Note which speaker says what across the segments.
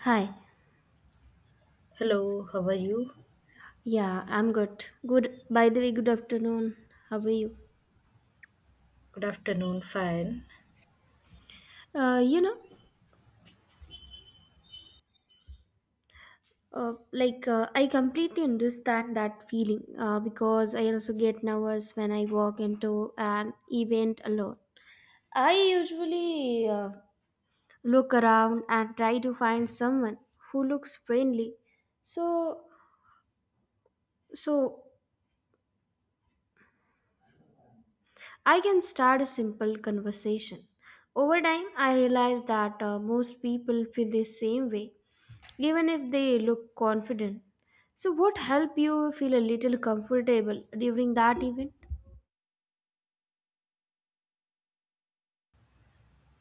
Speaker 1: Hi.
Speaker 2: Hello, how are you?
Speaker 1: Yeah, I'm good. Good. By the way, good afternoon. How are you?
Speaker 2: Good afternoon, fine.
Speaker 1: You know, like I completely understand that feeling because I also get nervous when I walk into an event alone. I usually look around and try to find someone who looks friendly, so so I can start a simple conversation. Over time, I realized that most people feel the same way even if they look confident. So what helped you feel a little comfortable during that event?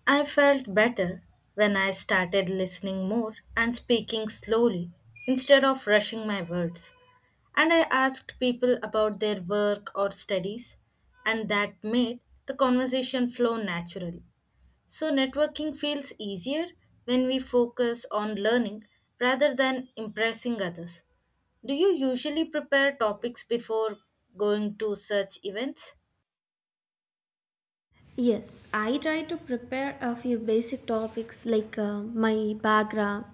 Speaker 2: I felt better when I started listening more and speaking slowly instead of rushing my words. And I asked people about their work or studies, and that made the conversation flow naturally. So, networking feels easier when we focus on learning rather than impressing others. Do you usually prepare topics before going to such events?
Speaker 1: Yes, I try to prepare a few basic topics like my background,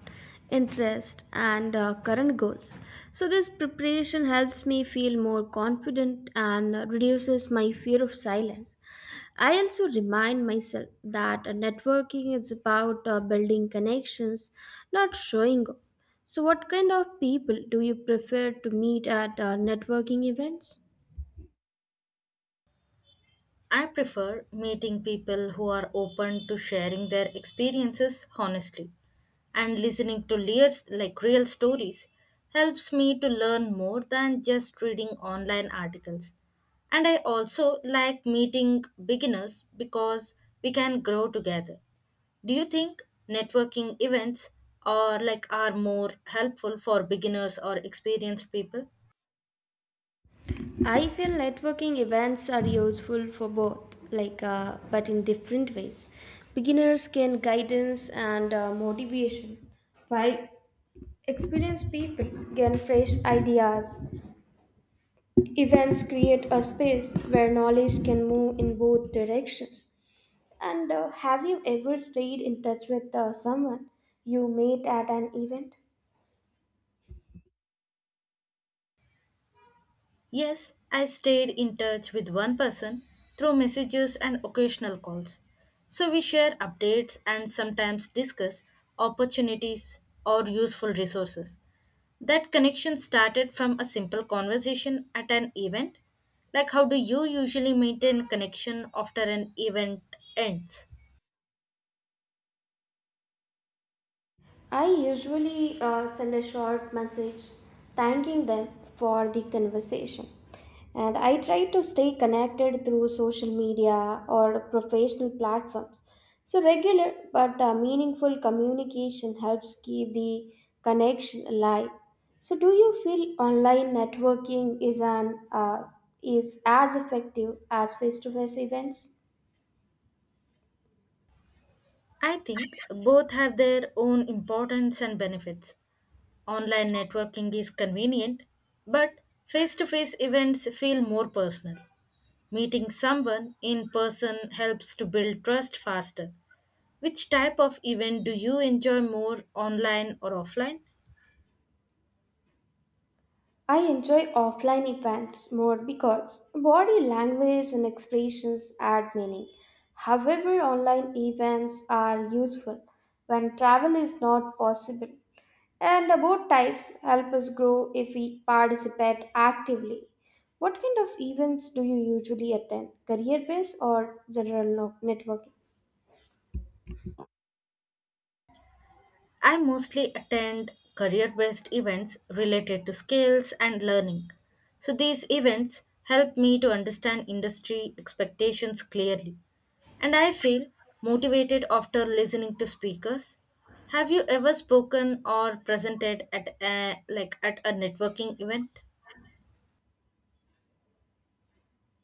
Speaker 1: interest, and current goals. So, this preparation helps me feel more confident and reduces my fear of silence. I also remind myself that networking is about building connections, not showing off. So, what kind of people do you prefer to meet at networking events?
Speaker 2: I prefer meeting people who are open to sharing their experiences honestly and listening to real, real stories helps me to learn more than just reading online articles. And I also like meeting beginners because we can grow together. Do you think networking events or like are more helpful for beginners or experienced people?
Speaker 1: I feel networking events are useful for both, but in different ways. Beginners gain guidance and motivation, while experienced people gain fresh ideas. Events create a space where knowledge can move in both directions. And have you ever stayed in touch with someone you met at an event?
Speaker 2: Yes, I stayed in touch with one person through messages and occasional calls. So we share updates and sometimes discuss opportunities or useful resources. That connection started from a simple conversation at an event. Like, how do you usually maintain connection after an event ends?
Speaker 1: I usually send a short message thanking them for the conversation. And I try to stay connected through social media or professional platforms. So, regular but meaningful communication helps keep the connection alive. So, do you feel online networking is as effective as face to face events?
Speaker 2: I think both have their own importance and benefits. Online networking is convenient, but face to face events feel more personal. Meeting someone in person helps to build trust faster. Which type of event do you enjoy more, online or offline?
Speaker 1: I enjoy offline events more because body language and expressions add meaning. However, online events are useful when travel is not possible, and both types help us grow if we participate actively. What kind of events do you usually attend? Career based or general no- networking?
Speaker 2: I mostly attend career based events related to skills and learning. So these events help me to understand industry expectations clearly, and I feel motivated after listening to speakers. Have you ever spoken or presented at a networking event?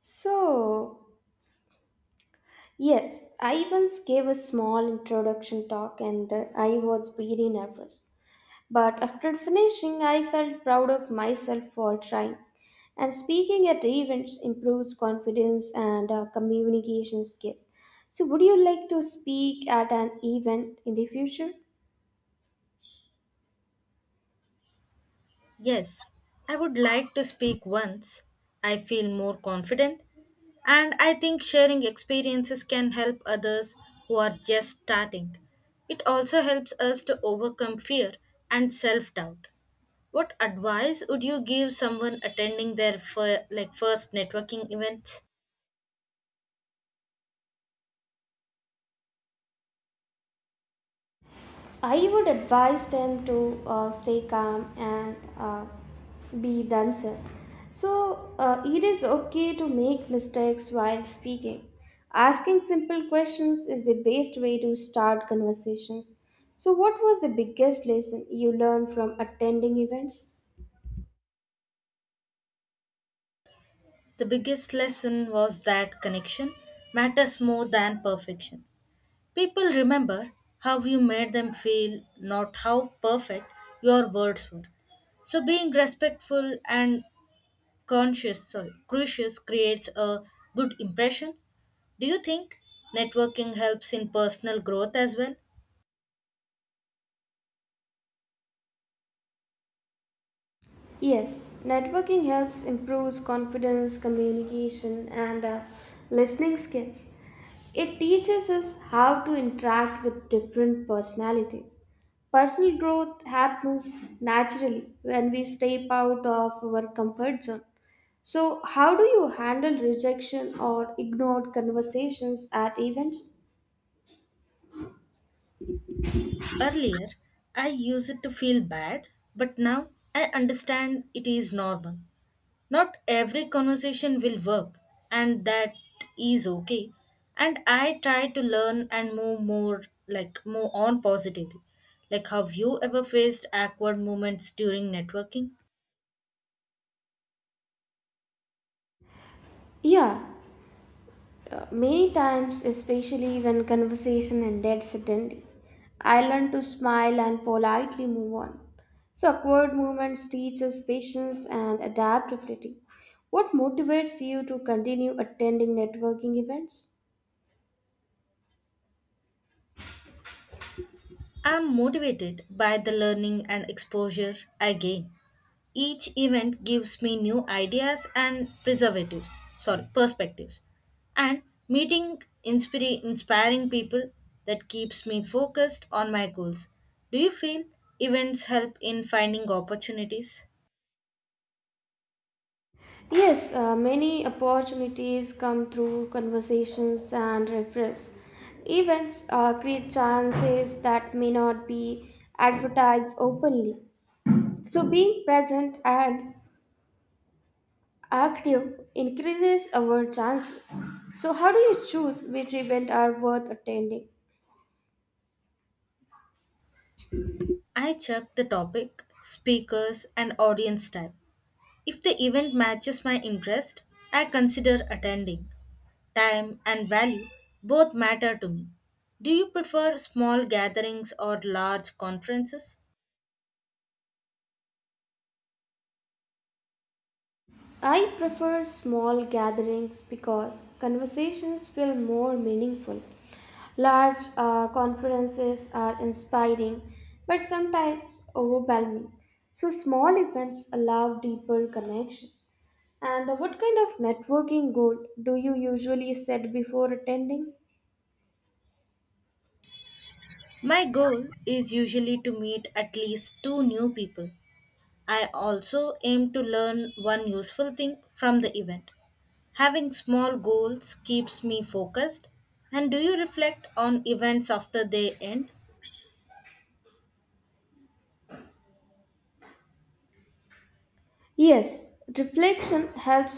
Speaker 1: So, yes, I once gave a small introduction talk and I was very nervous. But after finishing, I felt proud of myself for trying. And speaking at events improves confidence and communication skills. So, would you like to speak at an event in the future?
Speaker 2: Yes, I would like to speak once. I feel more confident, and I think sharing experiences can help others who are just starting. It also helps us to overcome fear and self doubt. What advice would you give someone attending their first networking events?
Speaker 1: I would advise them to stay calm and be themselves. So, it is okay to make mistakes while speaking. Asking simple questions is the best way to start conversations. So, what was the biggest lesson you learned from attending events?
Speaker 2: The biggest lesson was that connection matters more than perfection. People remember how you made them feel, not how perfect your words were. So being respectful and conscious, sorry, crucious creates a good impression. Do you think networking helps in personal growth as well?
Speaker 1: Yes, networking helps improves confidence, communication, and listening skills. It teaches us how to interact with different personalities. Personal growth happens naturally when we step out of our comfort zone. So, how do you handle rejection or ignored conversations at events?
Speaker 2: Earlier, I used to feel bad, but now I understand it is normal. Not every conversation will work, and that is okay. And I try to learn and move on positively. Like, have you ever faced awkward moments during networking?
Speaker 1: Yeah, many times, especially when conversation ended suddenly, I learned to smile and politely move on. So, awkward moments teach us patience and adaptability. What motivates you to continue attending networking events?
Speaker 2: I'm motivated by the learning and exposure I gain. Each event gives me new ideas and perspectives. And meeting inspiring people that keeps me focused on my goals. Do you feel events help in finding opportunities?
Speaker 1: Yes, many opportunities come through conversations and referrals. Events create chances that may not be advertised openly. So, being present and active increases our chances. So, how do you choose which events are worth attending?
Speaker 2: I check the topic, speakers, and audience type. If the event matches my interest, I consider attending. Time and value both matter to me. Do you prefer small gatherings or large conferences?
Speaker 1: I prefer small gatherings because conversations feel more meaningful. Large conferences are inspiring but sometimes overwhelming. So, small events allow deeper connections. And what kind of networking goal do you usually set before attending?
Speaker 2: My goal is usually to meet at least two new people. I also aim to learn one useful thing from the event. Having small goals keeps me focused. And do you reflect on events after they end?
Speaker 1: Yes, reflection helps